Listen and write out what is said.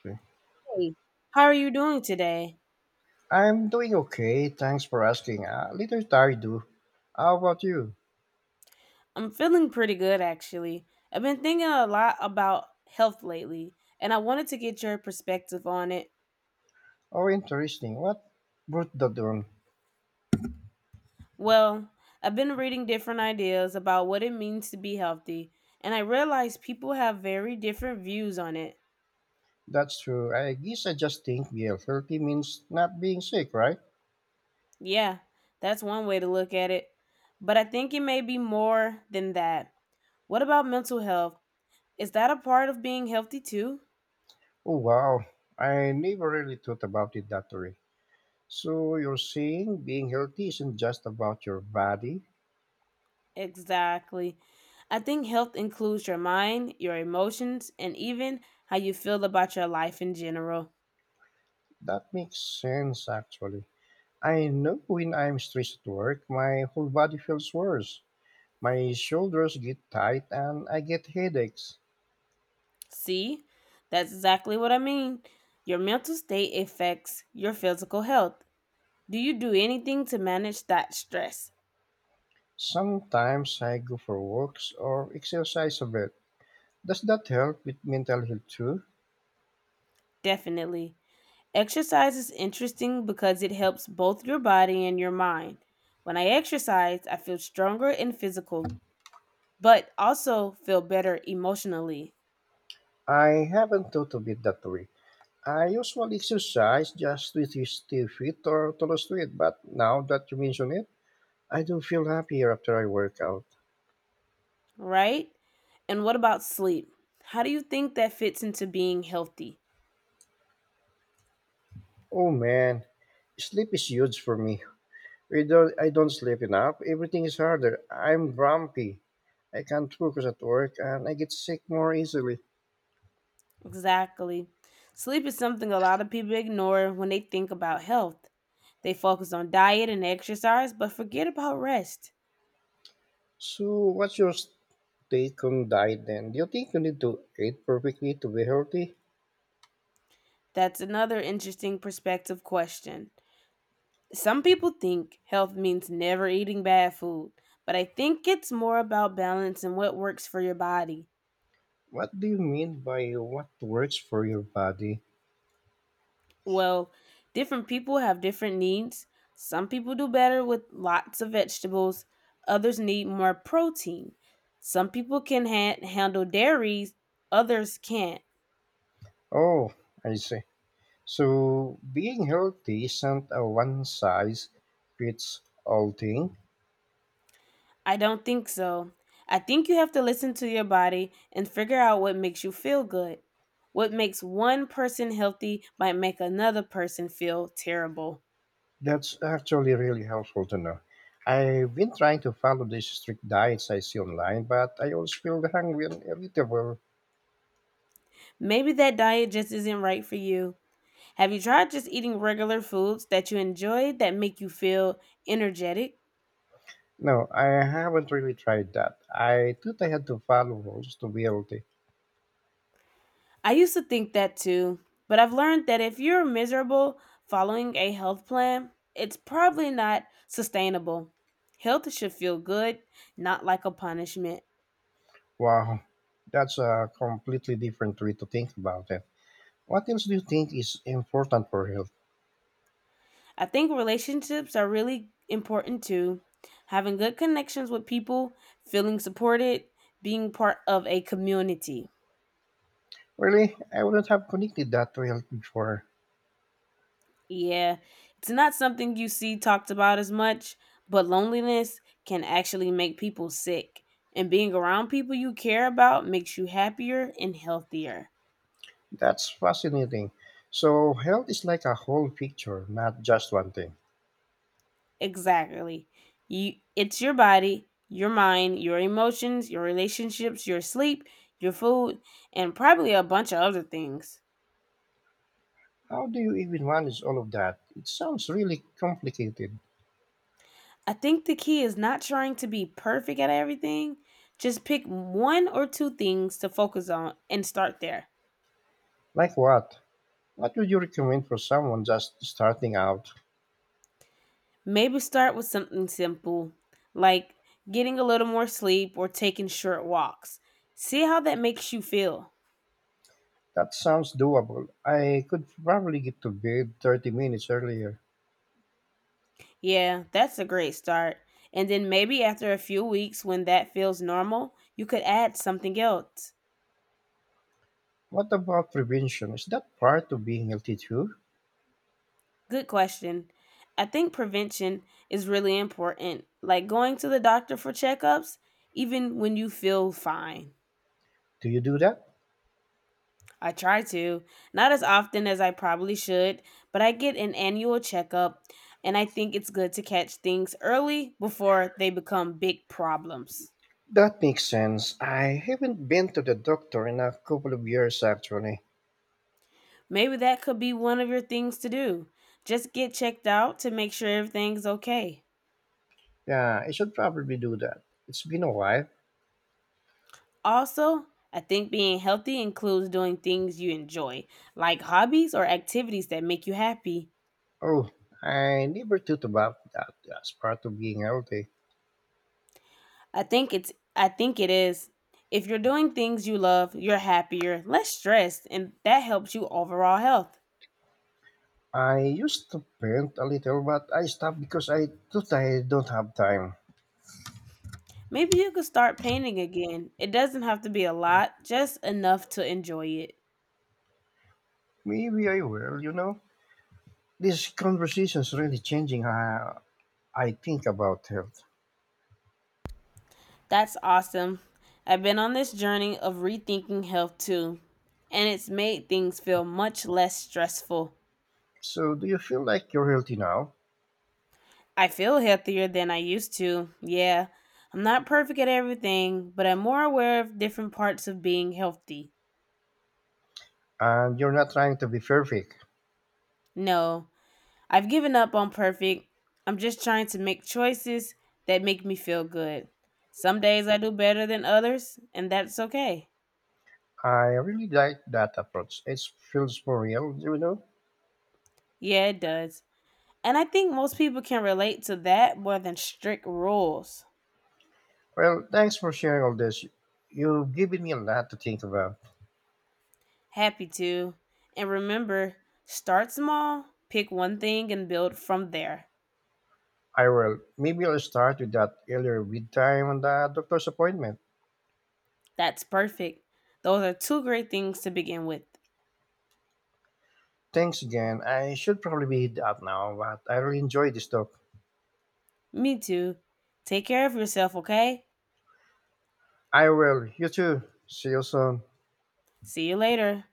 Okay. Hey, how are you doing today? I'm doing okay. Thanks for asking. A little tired, do. How about you? I'm feeling pretty good actually. I've been thinking a lot about health lately, and I wanted to get your perspective on it. Oh, interesting. What brought the dawn? Well, I've been reading different ideas about what it means to be healthy, and I realized people have very different views on it. That's true. I guess I just think being healthy means not being sick, right? Yeah, that's one way to look at it. But I think it may be more than that. What about mental health? Is that a part of being healthy too? Oh, wow. I never really thought about it that way. So you're saying being healthy isn't just about your body? Exactly. I think health includes your mind, your emotions, and even how you feel about your life in general. That makes sense, actually. I know when I'm stressed at work, my whole body feels worse. My shoulders get tight and I get headaches. See? That's exactly what I mean. Your mental state affects your physical health. Do you do anything to manage that stress? Sometimes I go for walks or exercise a bit. Does that help with mental health too? Definitely. Exercise is interesting because it helps both your body and your mind. When I exercise, I feel stronger and physical, but also feel better emotionally. I haven't thought of it that way. I usually exercise just to stay fit or to lose weight, but now that you mention it, I do feel happier after I work out. Right? And what about sleep? How do you think that fits into being healthy? Oh man, sleep is huge for me. Without I don't sleep enough, everything is harder. I'm grumpy. I can't focus at work and I get sick more easily. Exactly. Sleep is something a lot of people ignore when they think about health. They focus on diet and exercise, but forget about rest. So, what's your take on diet then? Do you think you need to eat perfectly to be healthy? That's another interesting perspective question. Some people think health means never eating bad food, but I think it's more about balance and what works for your body. What do you mean by what works for your body? Well, different people have different needs. Some people do better with lots of vegetables, others need more protein. Some people can handle dairies, others can't. Oh, I see. So, being healthy isn't a one size fits all thing. I don't think so. I think you have to listen to your body and figure out what makes you feel good. What makes one person healthy might make another person feel terrible. That's actually really helpful to know. I've been trying to follow these strict diets I see online, but I always feel hungry and irritable. Maybe that diet just isn't right for you. Have you tried just eating regular foods that you enjoy that make you feel energetic? No, I haven't really tried that. I thought I had to follow rules to be healthy. I used to think that too, but I've learned that if you're miserable following a health plan, it's probably not sustainable. Health should feel good, not like a punishment. Wow, that's a completely different way to think about it. What else do you think is important for health? I think relationships are really important too. Having good connections with people, feeling supported, being part of a community. Really, I wouldn't have connected that to health before. Yeah, it's not something you see talked about as much, but loneliness can actually make people sick. And being around people you care about makes you happier and healthier. That's fascinating. So, health is like a whole picture, not just one thing. Exactly. You it's your body, your mind, your emotions, your relationships, your sleep, your food, and probably a bunch of other things. How do you even manage all of that? It sounds really complicated. I think the key is not trying to be perfect at everything. Just pick one or two things to focus on and start there. Like what? What would you recommend for someone just starting out? Maybe start with something simple, like getting a little more sleep or taking short walks. See how that makes you feel. That sounds doable. I could probably get to bed 30 minutes earlier. Yeah, that's a great start. And then maybe after a few weeks, when that feels normal, you could add something else. What about prevention? Is that part of being healthy too? Good question. I think prevention is really important, like going to the doctor for checkups, even when you feel fine. Do you do that? I try to, not as often as I probably should, but I get an annual checkup, and I think it's good to catch things early before they become big problems. That makes sense. I haven't been to the doctor in a couple of years actually. Maybe that could be one of your things to do. Just get checked out to make sure everything's okay. Yeah, I should probably do that. It's been a while. Also, I think being healthy includes doing things you enjoy, like hobbies or activities that make you happy. Oh, I never thought about that as part of being healthy. I think it is. If you're doing things you love, you're happier, less stressed, and that helps you overall health. I used to paint a little, but I stopped because I thought I don't have time. Maybe you could start painting again. It doesn't have to be a lot, just enough to enjoy it. Maybe I will, you know? This conversation is really changing how I think about health. That's awesome. I've been on this journey of rethinking health too, and it's made things feel much less stressful. So, do you feel like you're healthy now? I feel healthier than I used to. Yeah, I'm not perfect at everything, but I'm more aware of different parts of being healthy. And you're not trying to be perfect. No, I've given up on perfect. I'm just trying to make choices that make me feel good. Some days I do better than others, and that's okay. I really like that approach. It feels more real, you know? Yeah, it does. And I think most people can relate to that more than strict rules. Well, thanks for sharing all this. You've given me a lot to think about. Happy to. And remember, start small, pick one thing, and build from there. I will. Maybe I'll start with that earlier read time on the doctor's appointment. That's perfect. Those are two great things to begin with. Thanks again. I should probably be out now, but I really enjoyed this talk. Me too. Take care of yourself, okay? I will. You too. See you soon. See you later.